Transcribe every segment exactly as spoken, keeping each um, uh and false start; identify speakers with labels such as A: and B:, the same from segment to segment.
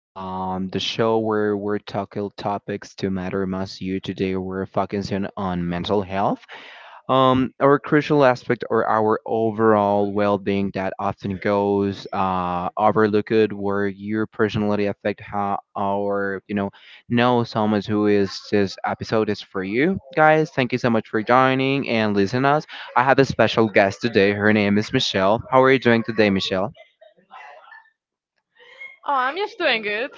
A: um, the show where we're tackle topics to matter most you. Today, we're focusing on mental health, um, our crucial aspect or our overall well-being that often goes uh, overlooked, where your personality affect how our you know know someone who is this episode is for you guys. Thank you so much for joining and listening us. I have a special guest today. Her name is Michelle. How are you doing today, Michelle?
B: Oh, I'm just doing good.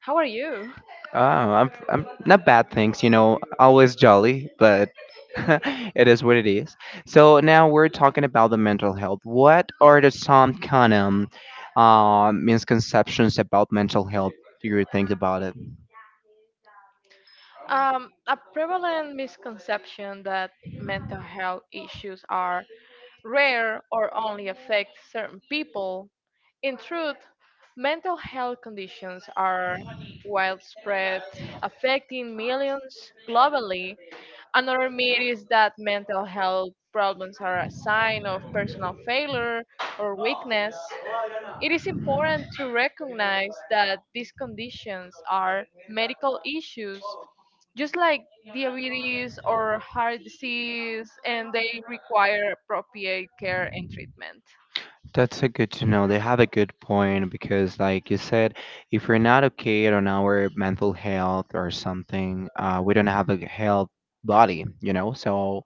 B: How are you?
A: Oh, I'm I'm not bad, thanks. You know, always jolly, but it is what it is. So now we're talking about the mental health. What are the some kind of uh, misconceptions about mental health? Do you think about it?
B: Um, a prevalent misconception that mental health issues are rare or only affect certain people. In truth, mental health conditions are widespread, affecting millions globally. Another myth is that mental health problems are a sign of personal failure or weakness. It is important to recognize that these conditions are medical issues, just like diabetes or heart disease, and they require appropriate care and treatment.
A: That's a good to know. They have a good point because, like you said, if we're not okay on our mental health or something, uh, we don't have a health body, you know. So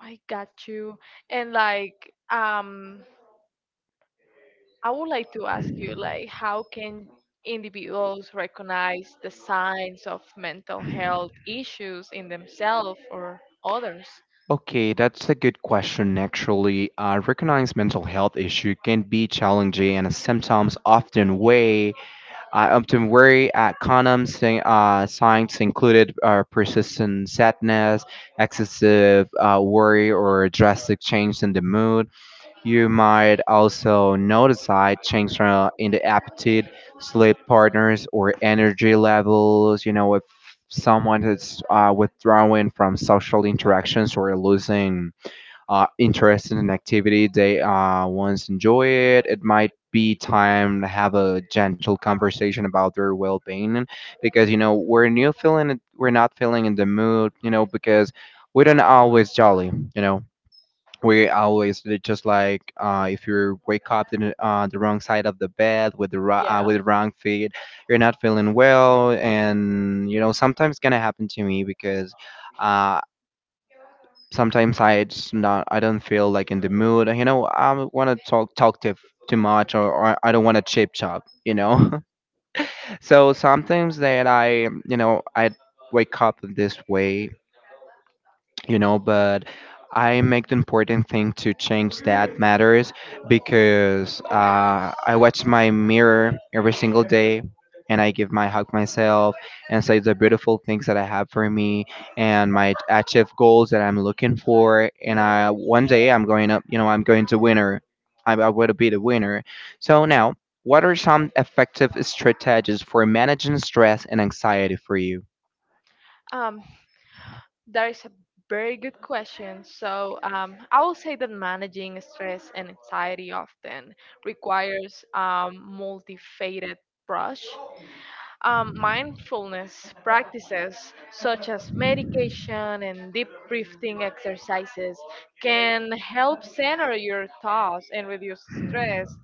B: I got you. And like, um, I would like to ask you, like, how can individuals recognize the signs of mental health issues in themselves or others?
A: okay, that's a good question actually. I recognize mental health issue can be challenging and symptoms often weigh I often worry at condoms, uh, signs included are persistent sadness, excessive uh, worry or drastic change in the mood. You might also notice side changes uh, in the appetite, sleep partners, or energy levels. You know, if someone is uh, withdrawing from social interactions or losing uh, interest in an activity they uh, once enjoyed, it might be time to have a gentle conversation about their well-being because you know we're new feeling we're not feeling in the mood, you know, because we don't always jolly, you know, we always did just like uh, if you wake up in the- uh, the wrong side of the bed with the ro- uh,
B: Yeah.
A: with the wrong feet, you're not feeling well, and you know sometimes gonna happen to me because uh, sometimes I just not I don't feel like in the mood. You know I want to talk talk too too much, or, or I don't want to chip chop. You know, so sometimes that I you know I wake up in this way, you know, but I make the important thing to change that matters because uh, I watch my mirror every single day and I give my hug myself and say the beautiful things that I have for me and my achieve goals that I'm looking for, and I one day I'm going up, you know, I'm going to winner. i, I will be the winner. So now, what are some effective strategies for managing stress and anxiety for you?
B: Um, That is a very good question. So, um, I will say that managing stress and anxiety often requires um, multifaceted brush. Um, mindfulness practices such as meditation and deep breathing exercises can help center your thoughts and reduce stress.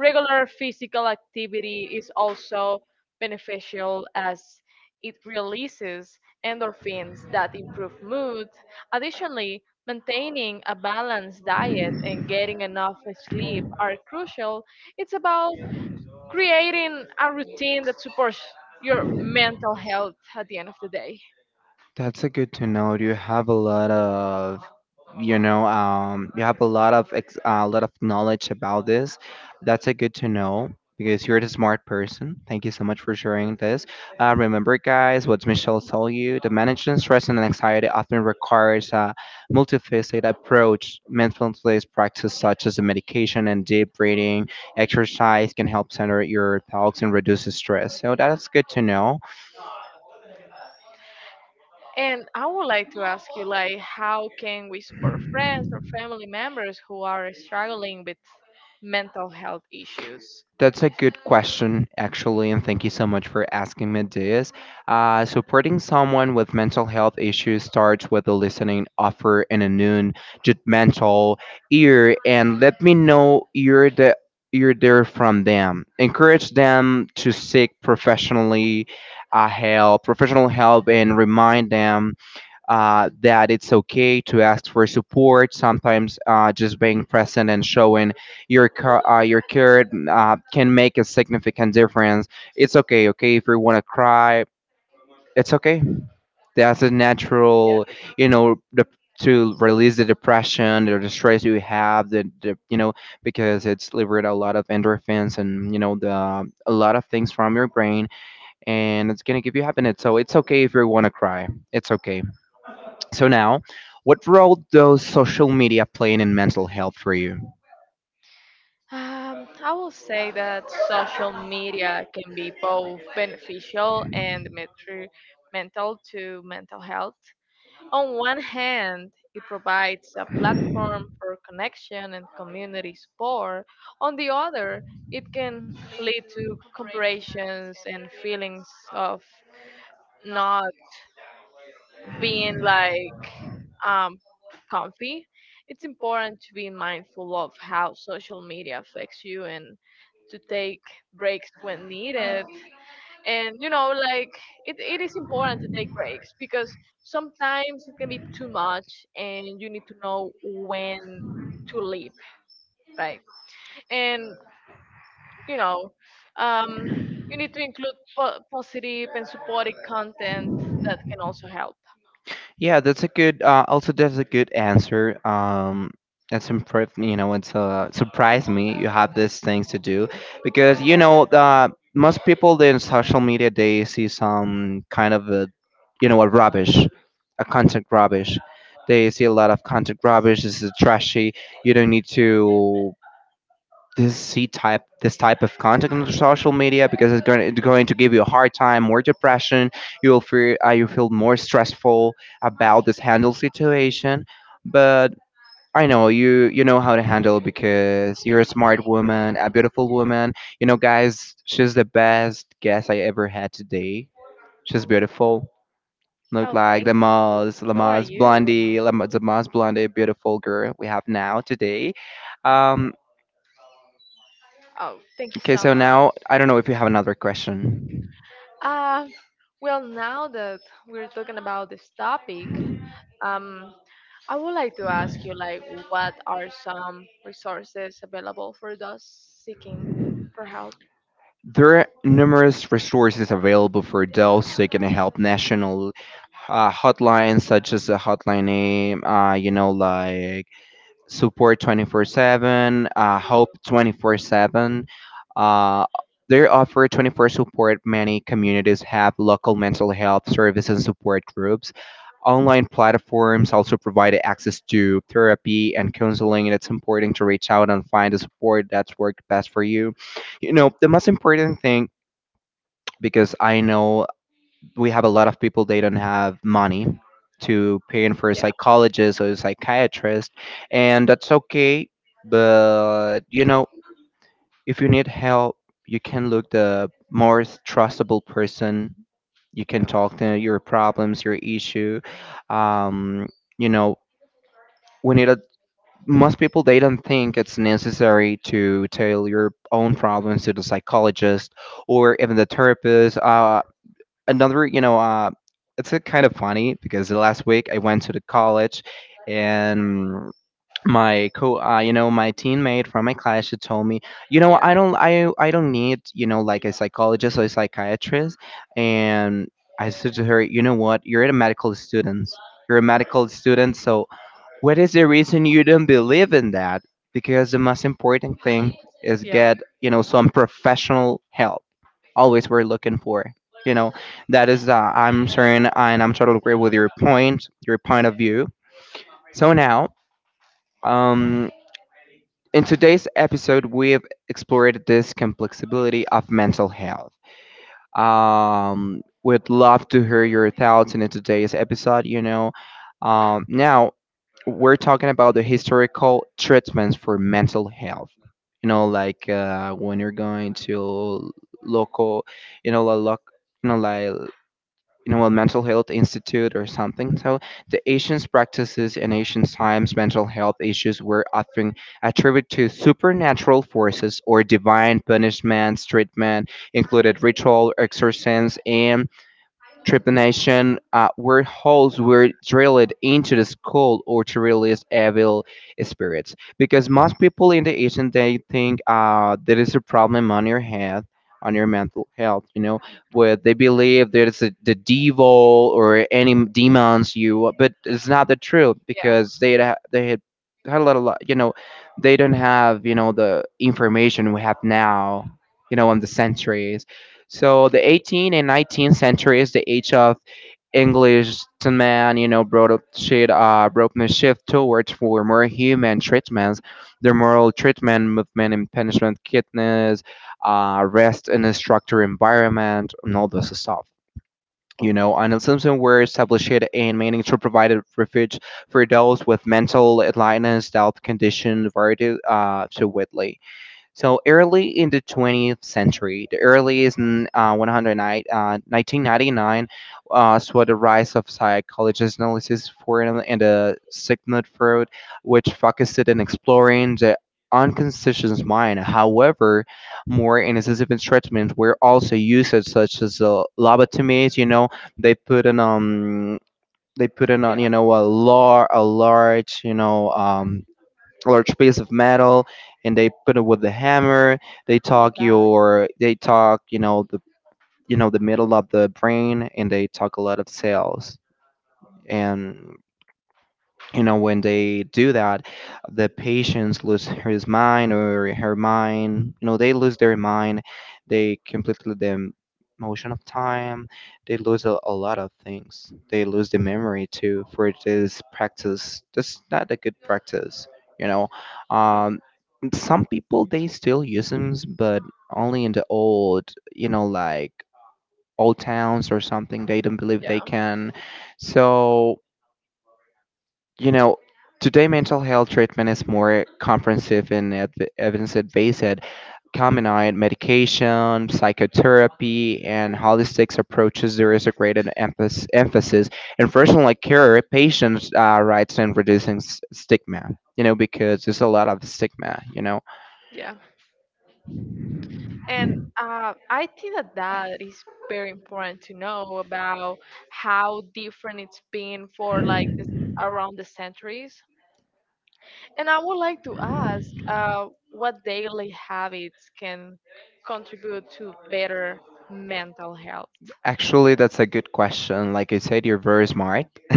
B: Regular physical activity is also beneficial as it releases endorphins that improve mood. Additionally, maintaining a balanced diet and getting enough sleep are crucial. It's about creating a routine that supports your mental health at the end of the day.
A: That's a good to know. You have a lot of, you know, um, you have a lot of ex a lot of knowledge about this. That's a good to know because you're the smart person. Thank you so much for sharing this. Uh, remember, guys, what Michelle told you: the management stress and anxiety often requires a multifaceted approach. Mindfulness practice such as the medication and deep breathing exercise can help center your thoughts and reduce the stress. So that's good to know.
B: And I would like to ask you, like, how can we support friends or family members who are struggling with mental health issues?
A: That's a good question, actually, and thank you so much for asking me this. Uh, supporting someone with mental health issues starts with a listening offer and a noon judgmental ear, and let me know you're the you're there from them. Encourage them to seek professionally uh, help, professional help, and remind them uh, that it's okay to ask for support. Sometimes uh, just being present and showing your ca- uh, your care uh, can make a significant difference. It's okay, okay, if you want to cry, it's okay. That's a
B: Yeah.
A: natural, you know, the, to release the depression or the stress you have. The, the you know because it's liberate a lot of endorphins and you know the a lot of things from your brain, and it's gonna give you happiness. So it's okay if you want to cry. It's okay. So now, what role does social media playing in mental health for you?
B: Um, I will say that social media can be both beneficial and detrimental to mental health. On one hand, it provides a platform for connection and community support. On the other, it can lead to comparisons and feelings of not being like um, comfy. It's important to be mindful of how social media affects you and to take breaks when needed. And you know, like it, it is important to take breaks because sometimes it can be too much and you need to know when to leave, right? And you know, um, you need to include po- positive and supportive content that can also help.
A: Yeah, that's a good. Uh, also, that's a good answer. Um, that's impressed. You know, it's uh, surprised me. You have these things to do because you know the most people in social media they see some kind of a, you know, a rubbish, a content rubbish. They see a lot of content rubbish. This is trashy. You don't need to. this C type this type of content on social media because it's going to, going to give you a hard time, more depression. You will feel uh, you feel more stressful about this handle situation. But I know you you know how to handle because you're a smart woman, a beautiful woman. You know, guys, she's the best guest I ever had today. She's beautiful. Look
B: Oh,
A: like
B: thanks.
A: the most, the
B: So are
A: most
B: you?
A: blondie, the most blondie, beautiful girl we have now today. Um,
B: Oh, thank you
A: Okay,
B: so
A: so
B: much.
A: now I don't know if you have another question.
B: Uh, well, now that we're talking about this topic, um, I would like to ask you, like, what are some resources available for those seeking for help?
A: There are numerous resources available for those seeking help. National uh, hotlines such as the hotline name, uh, you know, like support twenty-four seven, uh, hope twenty-four seven. Uh, they offer twenty-four support. Many communities have local mental health services and support groups. Online platforms also provide access to therapy and counseling, and it's important to reach out and find the support that's worked best for you. You know, the most important thing, because I know we have a lot of people they don't have money to paying for a
B: Yeah,
A: psychologist or a psychiatrist, and that's okay, but you know if you need help you can look the most trustable person, you can
B: yeah,
A: talk to your problems, your issue, um, you know we need a most people they don't think it's necessary to tell your own problems to the psychologist or even the therapist, uh, another, you know, uh, it's a kind of funny because the last week I went to the college and my co uh, you know my teammate from my class, she told me, you know, i
B: yeah,
A: don't i I don't need, you know, like a psychologist or a psychiatrist. And I said to her, you know what, you're a medical student you're a medical student, so what is the reason you don't believe in that? Because the most important thing is
B: yeah,
A: get you know some professional help. Always we're looking for, you know, that is uh, I'm certain and I'm totally agree with your point your point of view. So now, um, in today's episode we've explored this complexibility of mental health. um, would love to hear your thoughts in today's episode. You know, um, now we're talking about the historical treatments for mental health. You know, like uh, when you're going to local, you know, like you know, like you know, a mental health institute or something. So the ancient practices in ancient times mental health issues were often attributed to supernatural forces or divine punishments. Treatment included ritual exorcisms and trepanation, uh, where holes were drilled into the skull or to release evil spirits. Because most people in the ancient day think uh, there is a problem on your head, on your mental health, you know, where they believe there is a, the devil or any demons you, but it's not the truth
B: yeah,
A: because they had, they had had a lot of, lo- you know, they don't have, you know, the information we have now, you know, in the centuries. So the eighteenth and nineteenth century is the age of Englishmen, you know, brought up shit, uh, brought the shift towards for more human treatments, the moral treatment movement and punishment, kindness, uh, rest in a structured environment, and all this stuff. You know, and the Simpson were established and meaning to provide a refuge for those with mental illness, health condition, variety, uh, to widely. So early in the twentieth century, the early is in uh, one hundred nine, uh, nineteen ninety-nine uh, saw the rise of psychologist analysis for and in the Sigmund Freud, which focused on exploring the unconscious mind. However, more invasive treatments were also used, such as uh, lobotomies. You know, they put an um, they put in on
B: yeah.
A: you know a lar- a large you know um a large piece of metal, and they put it with the hammer. they
B: Oh my
A: talk
B: God.
A: your they talk you know the you know the middle of the brain and they talk a lot of cells. And you know when they do that, the patients lose his mind or her mind, you know, they lose their mind. They completely the motion of time, they lose a, a lot of things, they lose the memory too for this practice. That's not a good practice, you know. Um, some people they still use them, but only in the old, you know, like old towns or something, they don't believe they
B: Yeah,
A: can. So, you know, today mental health treatment is more comprehensive and ev- evidence-based, combining medication, psychotherapy, and holistic approaches. There is a greater emphasis emphasis in personal care, patients' uh, rights, and reducing s- stigma. You know, because there's a lot of stigma. You know,
B: yeah. And uh, I think that that is very important to know about how different it's been for like the- around the centuries. And I would like to ask, uh, what daily habits can contribute to better mental health?
A: actually, that's a good question. Like I said, you're very smart.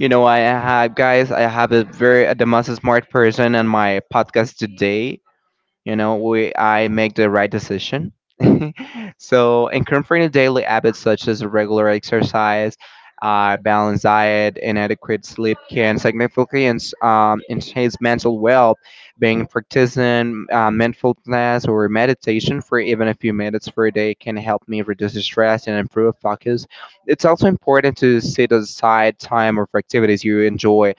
A: you know, I have guys. I have a very the most smart person on my podcast today. You know we i make the right decision. So incorporating daily habits such as regular exercise, uh, balanced diet and adequate sleep can significantly ins- um, enhance mental well being, practicing uh, mindfulness or meditation for even a few minutes per day can help me reduce stress and improve focus. It's also important to set aside time for activities you enjoy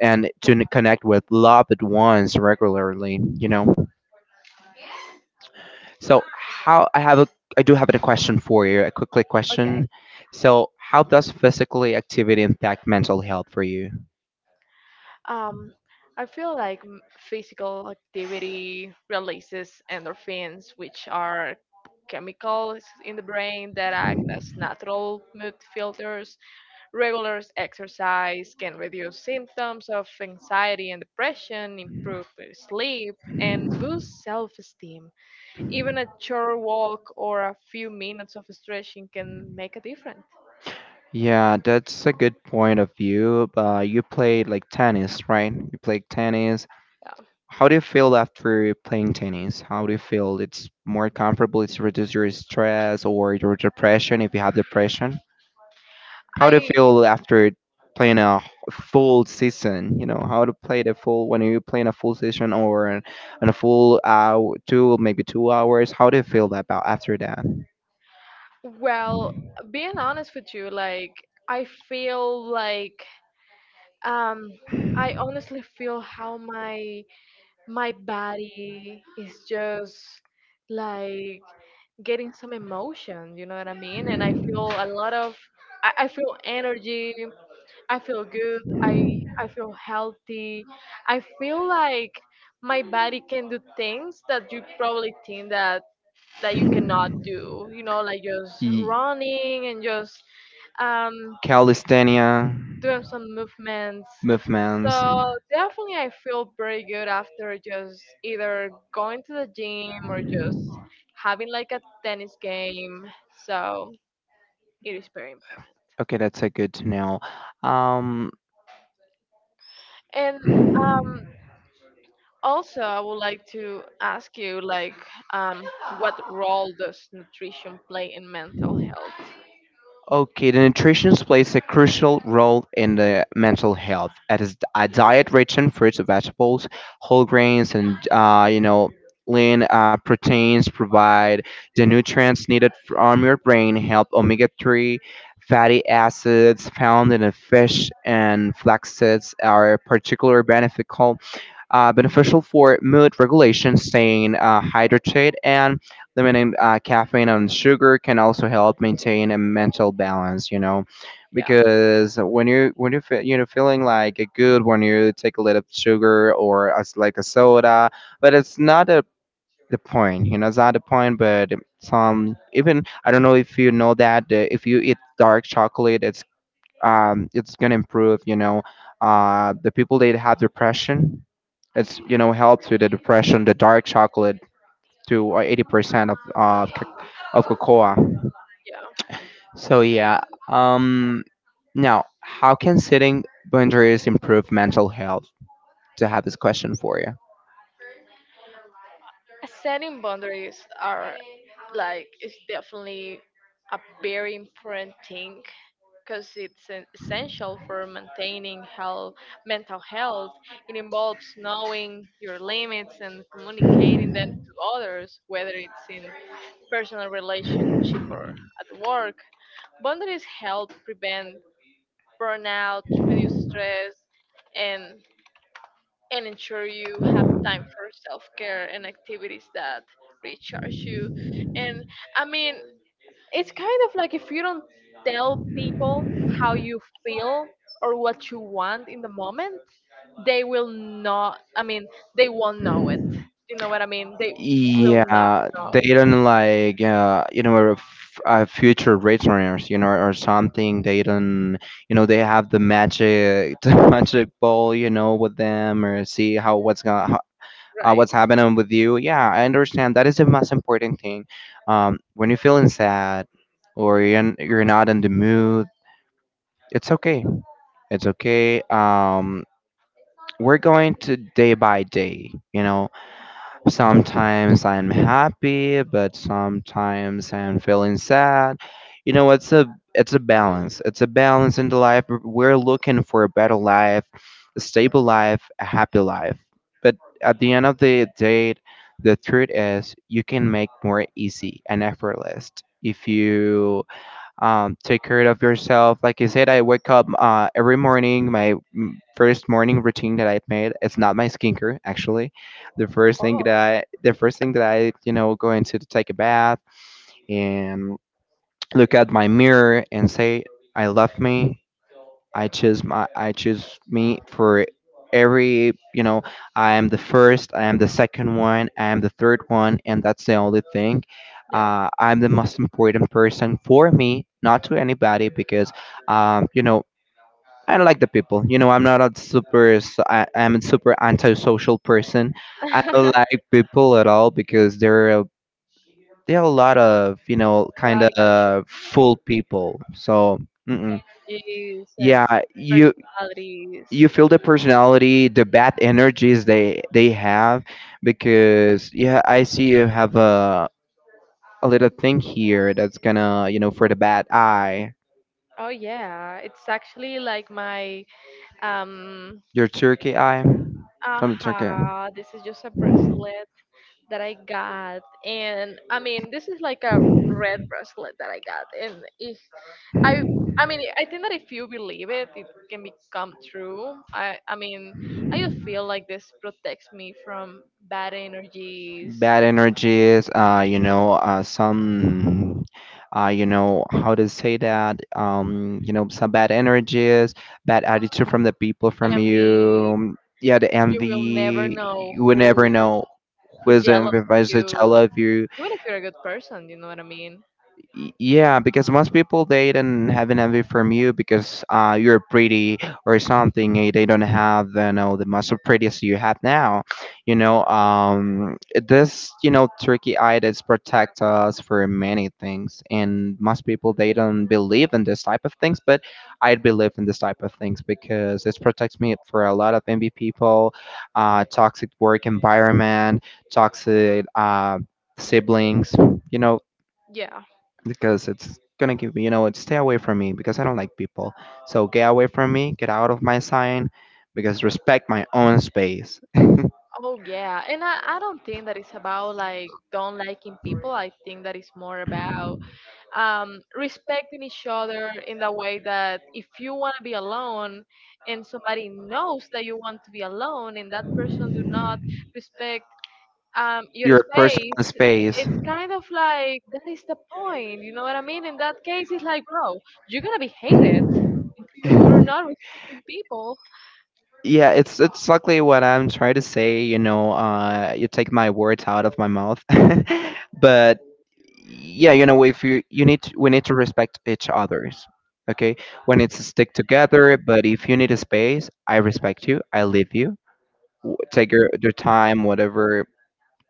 A: and to n- connect with loved ones regularly you know so how I have a I do have a question for you, a quick quick
B: Okay.
A: question. So how does physically activity impact mental health for you?
B: Um, I feel like m- physical activity releases endorphins, which are chemicals in the brain that act as natural mood filters. Regular exercise can reduce symptoms of anxiety and depression, improve sleep, and boost self esteem. Even a short walk or a few minutes of stretching can make a difference.
A: Yeah, that's a good point of view. Uh, you played like tennis, right? You played tennis.
B: Yeah.
A: How do you feel after playing tennis? How do you feel? It's more comfortable. It's reduce your stress or your depression if you have depression. How do you
B: I,
A: feel after playing a full season? You know, how to play the full when you playing a full season or an, an a full uh two maybe two hours. How do you feel about after that?
B: well, being honest with you, like, I feel like, um, I honestly feel how my my body is just like getting some emotion, you know what I mean, and I feel a lot of i, I feel energy. I feel good. I i feel healthy. I feel like my body can do things that you probably think that that you cannot do, you know, like just
A: Ye-
B: running and just um
A: Calisthenia
B: doing some movements.
A: movements.
B: So definitely, I feel pretty good after just either going to the gym or just having like a tennis game. So it is very important.
A: Okay, that's a good to know. Um,
B: And um, also, I would like to ask you, like, um, what role does nutrition play in mental health?
A: Okay, the nutrition plays a crucial role in the mental health. It is a diet rich in fruits, and vegetables, whole grains, and uh, you know, lean uh, proteins provide the nutrients needed from your brain. Help omega three fatty acids found in the fish and flax seeds are particularly beneficial uh, beneficial for mood regulation, staying uh, hydrated, and limiting uh, caffeine and sugar can also help maintain a mental balance. You know,
B: Yeah,
A: because when you when you feel, you know feeling like a good when you take a little sugar or as like a soda, but it's not a the point. You know, it's not the point, but some, even I don't know if you know that, uh, if you eat dark chocolate, it's um it's gonna improve. You know, uh the people that have depression, it's you know helped with the depression, the dark chocolate to uh, eighty percent of of c- of cocoa.
B: yeah.
A: So yeah. Um. Now, how can setting boundaries improve mental health? To have this question for you.
B: Setting boundaries are like is definitely a very important thing because it's en- essential for maintaining health, mental health. It involves knowing your limits and communicating them to others, whether it's in personal relationship or at work. Boundaries help prevent burnout, reduce stress, and and ensure you have time for self-care and activities that recharge you. And I mean, it's kind of like if you don't tell people how you feel or what you want in the moment, they will not, I mean, they won't know it. You know what I mean? They will not
A: Yeah,
B: know.
A: they don't like, uh, you know are f- uh, future returners, you know, or something. They don't, you know, they have the magic, the magic ball, you know, with them, or see how what's gonna, uh,
B: Right.
A: what's happening with you. Yeah, I understand. That is the most important thing. Um, when you're feeling sad or you're, n- you're not in the mood, it's okay. It's okay. Um, we're going to day by day, you know. Sometimes I'm happy, but sometimes I'm feeling sad. You know, it's a it's a balance. It's a balance in the life. We're looking for a better life, a stable life, a happy life. But at the end of the day, the truth is you can make more easy and effortless if you, um, take care of yourself. Like I said, I wake up uh, every morning. My, mm, first morning routine that I've made. It's not my skincare actually. The first thing that I, the first thing that I, you know, go into to take a bath and look at my mirror and say, "I love me." I choose my I choose me for every you know I am the first, I am the second one, I am the third one, and that's the only thing.
B: Yeah.
A: uh, I'm the most important person for me, not to anybody, because, um, you know I don't like the people you know I'm not a super s- I, am a super antisocial person. I
B: Yeah,
A: don't like people at all because they're there are a lot of, you know kind
B: I got
A: of full people. So mm-mm.
B: you. Yes, and
A: Yeah, you
B: personalities.
A: you feel the personality, the bad energies they they have because, yeah, I see you have a a little thing here that's gonna, you know for the bad eye,
B: Oh yeah, it's actually like my um
A: your turkey eye from the turkey.
B: aha, this is just a bracelet that I got, and I mean, this is like a red bracelet that I got. And if I, I mean, I think that if you believe it, it can become true. I, I mean, I just feel like this protects me from bad energies.
A: Bad energies, uh you know uh some, uh you know how to say that, um you know some bad energies, bad attitude from the people from
B: And the
A: you. Yeah, the
B: You will never
A: envy,
B: know
A: you would
B: who
A: never know.
B: who's jealous
A: Wisdom
B: of
A: advice to
B: you,
A: tell of you.
B: even if you're a good person. You know what I mean?
A: Y- Yeah, because most people they don't have an envy from you because, uh, you're pretty or something. eh, They don't have, uh, you know the muscle prettiest you have now. You know, um, this, you know turkey idols protect us for many things, and most people they don't believe in this type of things. But I believe in this type of things because it protects me for a lot of envy people, uh, toxic work environment, toxic uh, siblings. You know,
B: Yeah.
A: because it's gonna give me, you know, it's stay away from me because I don't like people. So get away from me, get out of my sign, because respect my own space.
B: Oh yeah, and I, I don't think that it's about like don't liking people. I think that it's more about um, respecting each other in the way that if you want to be alone and somebody knows that you want to be alone and that person do not respect um, your
A: Your personal
B: space,
A: space.
B: it's kind of like that is the point. You know what I mean? In that case, it's like, bro, you're gonna be hated. You're not respecting people.
A: Yeah, it's it's exactly what I'm trying to say. You know, uh, you take my words out of my mouth, but, yeah, you know if you you need to- we need to respect each others. Okay, when it's stick together, but if you need a space, I respect you, I leave you. W- take your, your time, whatever.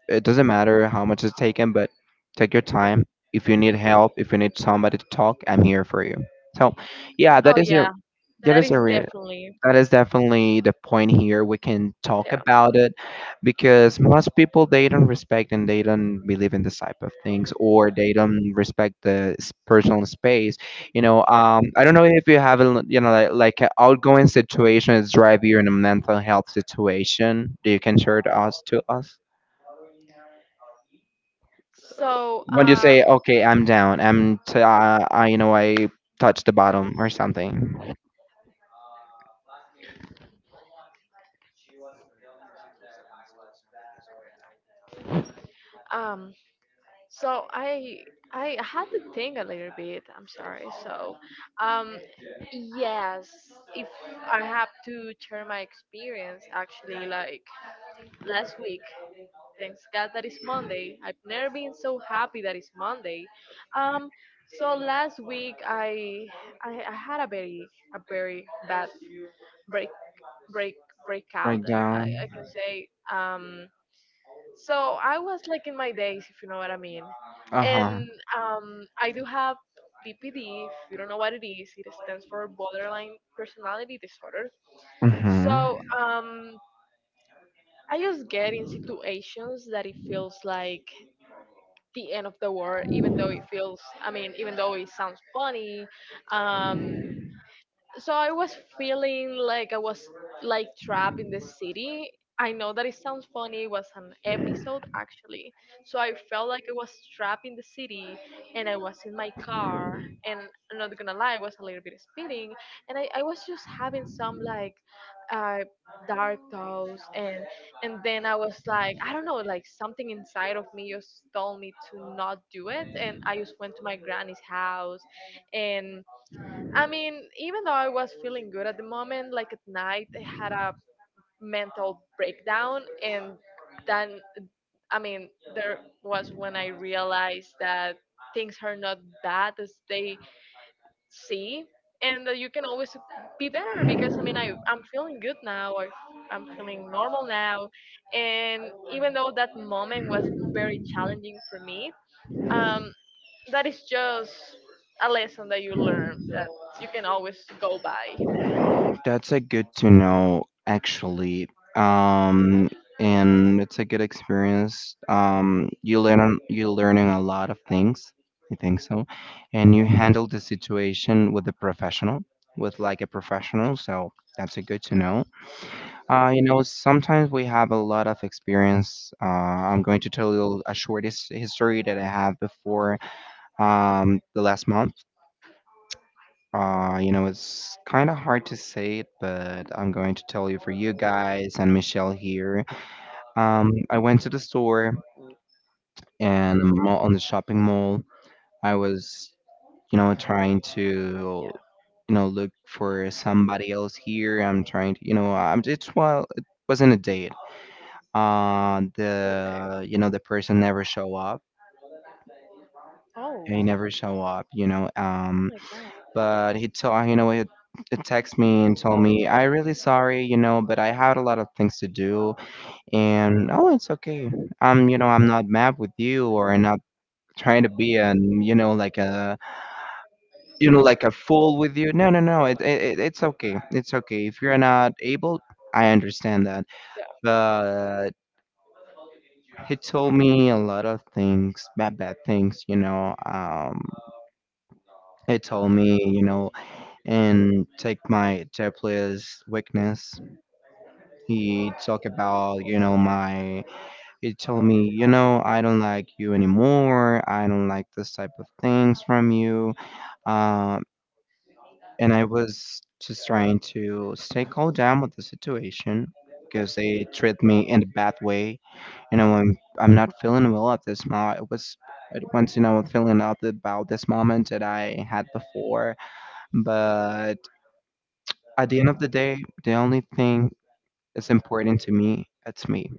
A: It doesn't matter how much it's taken, but take your time. If you need help, if you need somebody to talk, I'm here for you. So, yeah, that
B: Oh
A: is a,
B: yeah,
A: that
B: that
A: is
B: is
A: a
B: definitely
A: that is definitely the point here. We can talk
B: yeah.
A: about it because most people they don't respect and they don't believe in this type of things, or they don't respect the s- personal space. You know, um, I don't know if you have a, l- you know like, like an outgoing situation is drive you in a mental health situation. Do you can share to us to us.
B: So
A: When you
B: uh,
A: say, "Okay, I'm down," I'm t- uh, I, you know I touched the bottom or something.
B: um, So I I had to think a little bit. I'm sorry. So, um, yes, if I have to share my experience, actually, like last week, thanks God that it's Monday. I've never been so happy that it's Monday. Um, so last week I I, I had a very a very bad break break breakout,
A: Break
B: I, I
A: down.
B: I can say. Um, so I was like in my days, if you know what I mean.
A: Uh
B: And
A: huh.
B: um, I do have B P D. If you don't know what it is, it stands for borderline personality disorder.
A: Mm-hmm.
B: So um, I just get in situations that it feels like the end of the world, even though it feels. I mean, even though it sounds funny, um, so I was feeling like I was like trapped in the city. I know that it sounds funny. It was an episode actually. So I felt like I was trapped in the city and I was in my car and I'm not gonna lie, I was a little bit speeding and I, I was just having some like uh dark thoughts and and then I was like I don't know, like something inside of me just told me to not do it and I just went to my granny's house. And I mean, even though I was feeling good at the moment, like at night, I had a mental breakdown, and then, I mean, there was when I realized that things are not bad as they see, and that you can always be better. Because I mean, I I'm feeling good now. I, I'm feeling normal now, and even though that moment was very challenging for me, um, that is just a lesson that you learn that you can always go by.
A: That's a good to know actually. Um, and it's a good experience. Um, you learn, on- you're learning a lot of things. I think so. And you handle the situation with a professional, with like a professional. So that's a good to know. Uh, you know, sometimes we have a lot of experience. Uh, I'm going to tell you a short his- history that I have before, um, the last month. Uh, you know, it's kind of hard to say it, but I'm going to tell you for you guys and Michelle here. Um, I went to the store and the mall, on the shopping mall. I was, you know, trying to,
B: Yeah.
A: you know, look for somebody else here. I'm trying to, you know, I'm, it's well, it wasn't a date. Uh,
B: Okay.
A: the, you know, the person never show up.
B: Oh.
A: They never show up, you know.
B: Oh
A: Um,
B: my god.
A: but he told you know he, texted me and told me, "I really sorry you know but I had a lot of things to do." And, oh, it's okay. I'm you know I'm not mad with you, or I'm not trying to be an you know like a you know like a fool with you. No, no, no, it, it it- it's okay. It's okay if you're not able. I understand that.
B: Yeah.
A: But he told me a lot of things, bad bad things, you know um he told me, you know and take my Tepla's weakness. He talked about, you know, my. He told me, you know, I don't like you anymore. I don't like this type of things from you. Um, and I was just trying to stay calm down with the situation because they treat me in a bad way. You
B: Yeah.
A: know, I'm I'm not feeling well at this moment. It was it once, you know feeling out about this moment that I had before. But at the end of the day, the only thing that's important to me, it's me.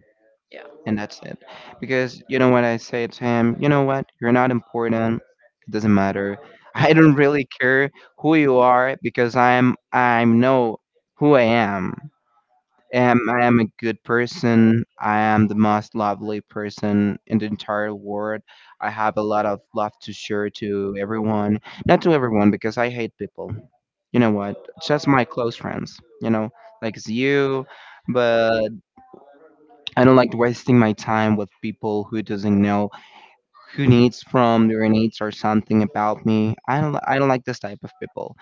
B: Yeah.
A: And that's it. Because you know what I say to him, "You know what, you're not important. It doesn't matter." I don't really care who you are because I'm I know who I am. Um, I am a good person. I am the most lovely person in the entire world. I have a lot of love to share to everyone. Not to everyone because I hate people. You know what? Just my close friends. You know, like it's you, but I don't like wasting my time with people who doesn't know who needs from their needs or something about me. I don't li- I don't like this type of people.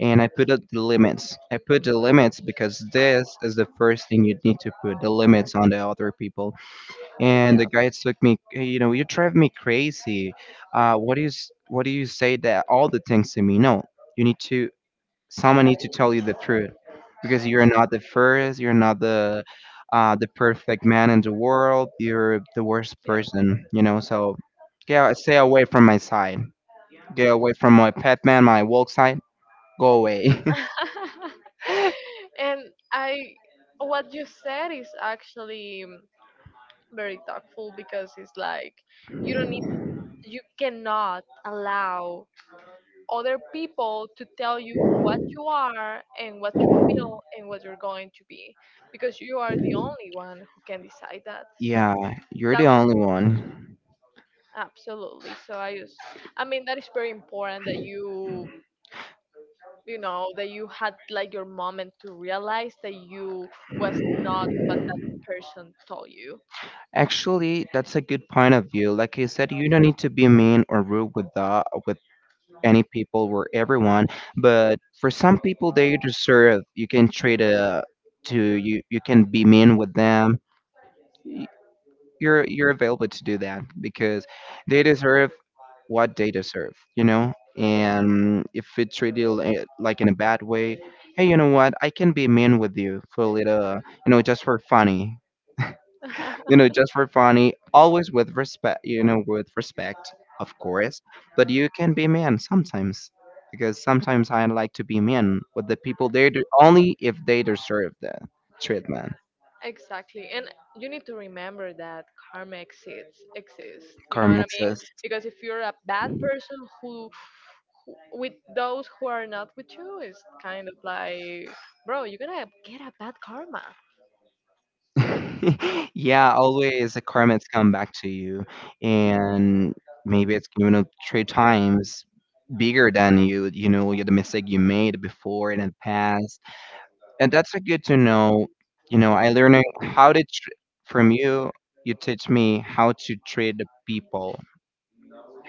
A: And I put up the limits. I put the limits because this is the first thing, you need to put the limits on the other people. And the
B: Yeah.
A: guy took me, "Hey, you know, you drive me crazy. Uh, what do you s- what do you say that all the things to me? No, you need to, someone needs to tell you the truth, because you're not the first, you're not the uh, the perfect man in the world, you're the worst person, you know. So yeah, stay away from my side, get away from my pet man, my walk side, go away.
B: Yeah. And I, what you said is actually um, very thoughtful because it's like you don't need, you cannot allow other people to tell you what you are and what you feel and what you're going to be because you are the only one who can decide that. So
A: Yeah, you're
B: that
A: the
B: was
A: only one.
B: absolutely. So I just I mean that is very important that you you know that you had like your moment to realize that you was not what that person told you.
A: Actually, that's a good point of view. Like you said, you don't need to be mean or rude with the with any people or everyone, but for some people they deserve, you can treat a to you, you can be mean with them. Y- you're you're available to do that because they deserve what they deserve, you know. And if it treat you li- like in a bad way, hey, you know what, I can be mean with you for a little, you know, just for funny, you know, just for funny, always with respect, you know, with respect, of course. But you can be mean sometimes, because sometimes I like to be mean with the people there only if they deserve the treatment.
B: Exactly. And you need to remember that karma exists exists. You know what
A: Karma
B: I mean?
A: exists.
B: Because if you're a bad person who, who with those who are not with you is kind of like bro, you're gonna get a bad karma.
A: Yeah, always the karma's come back to you, and maybe it's you know three times bigger than you. You know, the mistake you made before in the past, and that's a good to know. You know, I learning how to tr- from you. You teach me how to treat the people,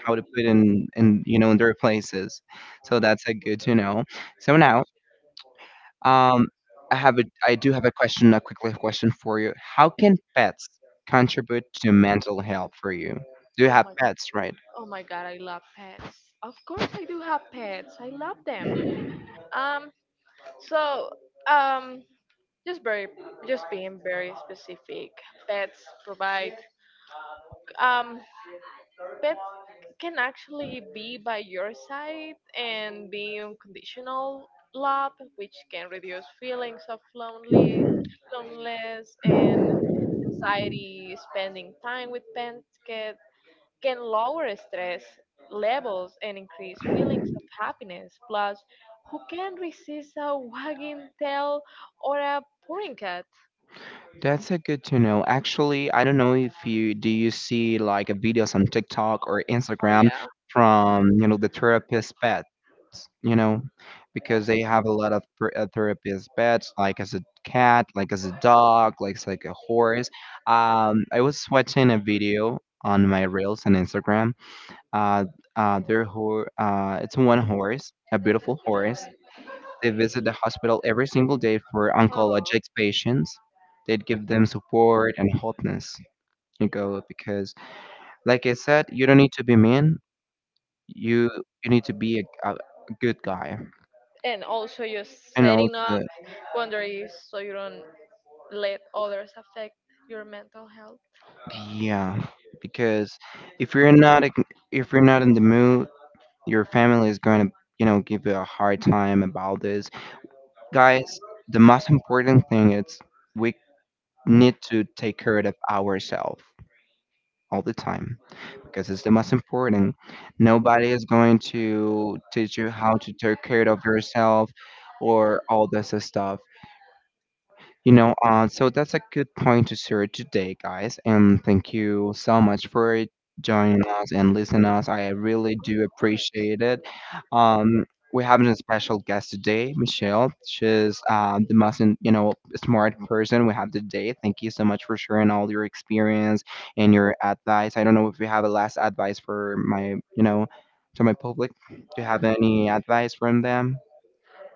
A: how to put in in you know in their places. So that's a good to know. So now, um, I have a I do have a question, a quickly question for you. How can pets contribute to mental health for you? Do you
B: Oh
A: have
B: my
A: pets, right?
B: oh my god, I love pets. Of course I do have pets. I love them. Um so um just very just being very specific. Pets provide um pet can actually be by your side and be unconditional love, which can reduce feelings of lonely, loneliness, and anxiety. Spending time with pets can, can lower stress levels and increase feelings of happiness. Plus, who can resist a wagging tail or a purring cat?
A: That's a good to know. Actually, I don't know if you, do you see like videos on TikTok or
B: Oh
A: Instagram
B: yeah.
A: from, you know, the therapist pets, you know, because they have a lot of ther- uh, therapist pets, like as a cat, like as a dog, like as like a horse. Um, I was watching a video on my reels on Instagram. Uh, uh, their ho- uh, it's one horse, a beautiful horse, they visit the hospital every single day for
B: Oh.
A: oncologic patients. They'd give them support and hotness. You go because, like I said, you don't need to be mean. You you need to be a, a good guy.
B: And also just
A: And
B: setting up
A: also,
B: boundaries so you don't let others affect your mental health.
A: yeah, because if you're not ag- if you're not in the mood, your family is going to, you know, give you a hard time about this. Guys, the most important thing is we need to take care of ourselves all the time, because it's the most important. Nobody is going to teach you how to take care of yourself or all this stuff. You know, uh, so that's a good point to share today, guys. And thank you so much for joining us and listening us. I really do
B: Of course.
A: appreciate it. Um, we have a special guest today, Michelle. She's um, the most, in- you know, smart person we have today. Thank you so much for sharing all your experience and your advice. I don't know if you have a last advice for my, you know, to my public. Do you have any advice from them?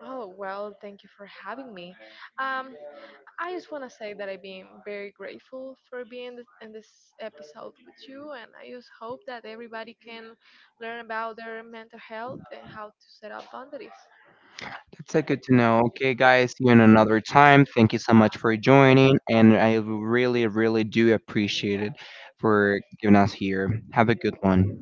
B: Oh, well, thank you for having me. Um, I just want to say that I've been very grateful for being th- in this episode with you, and I just hope that everybody can learn about their mental health and how to set up boundaries.
A: That's a good to know. Okay, guys, see you in another time. Thank you so much for joining, and I really, really do appreciate it for giving us here. Have a good one.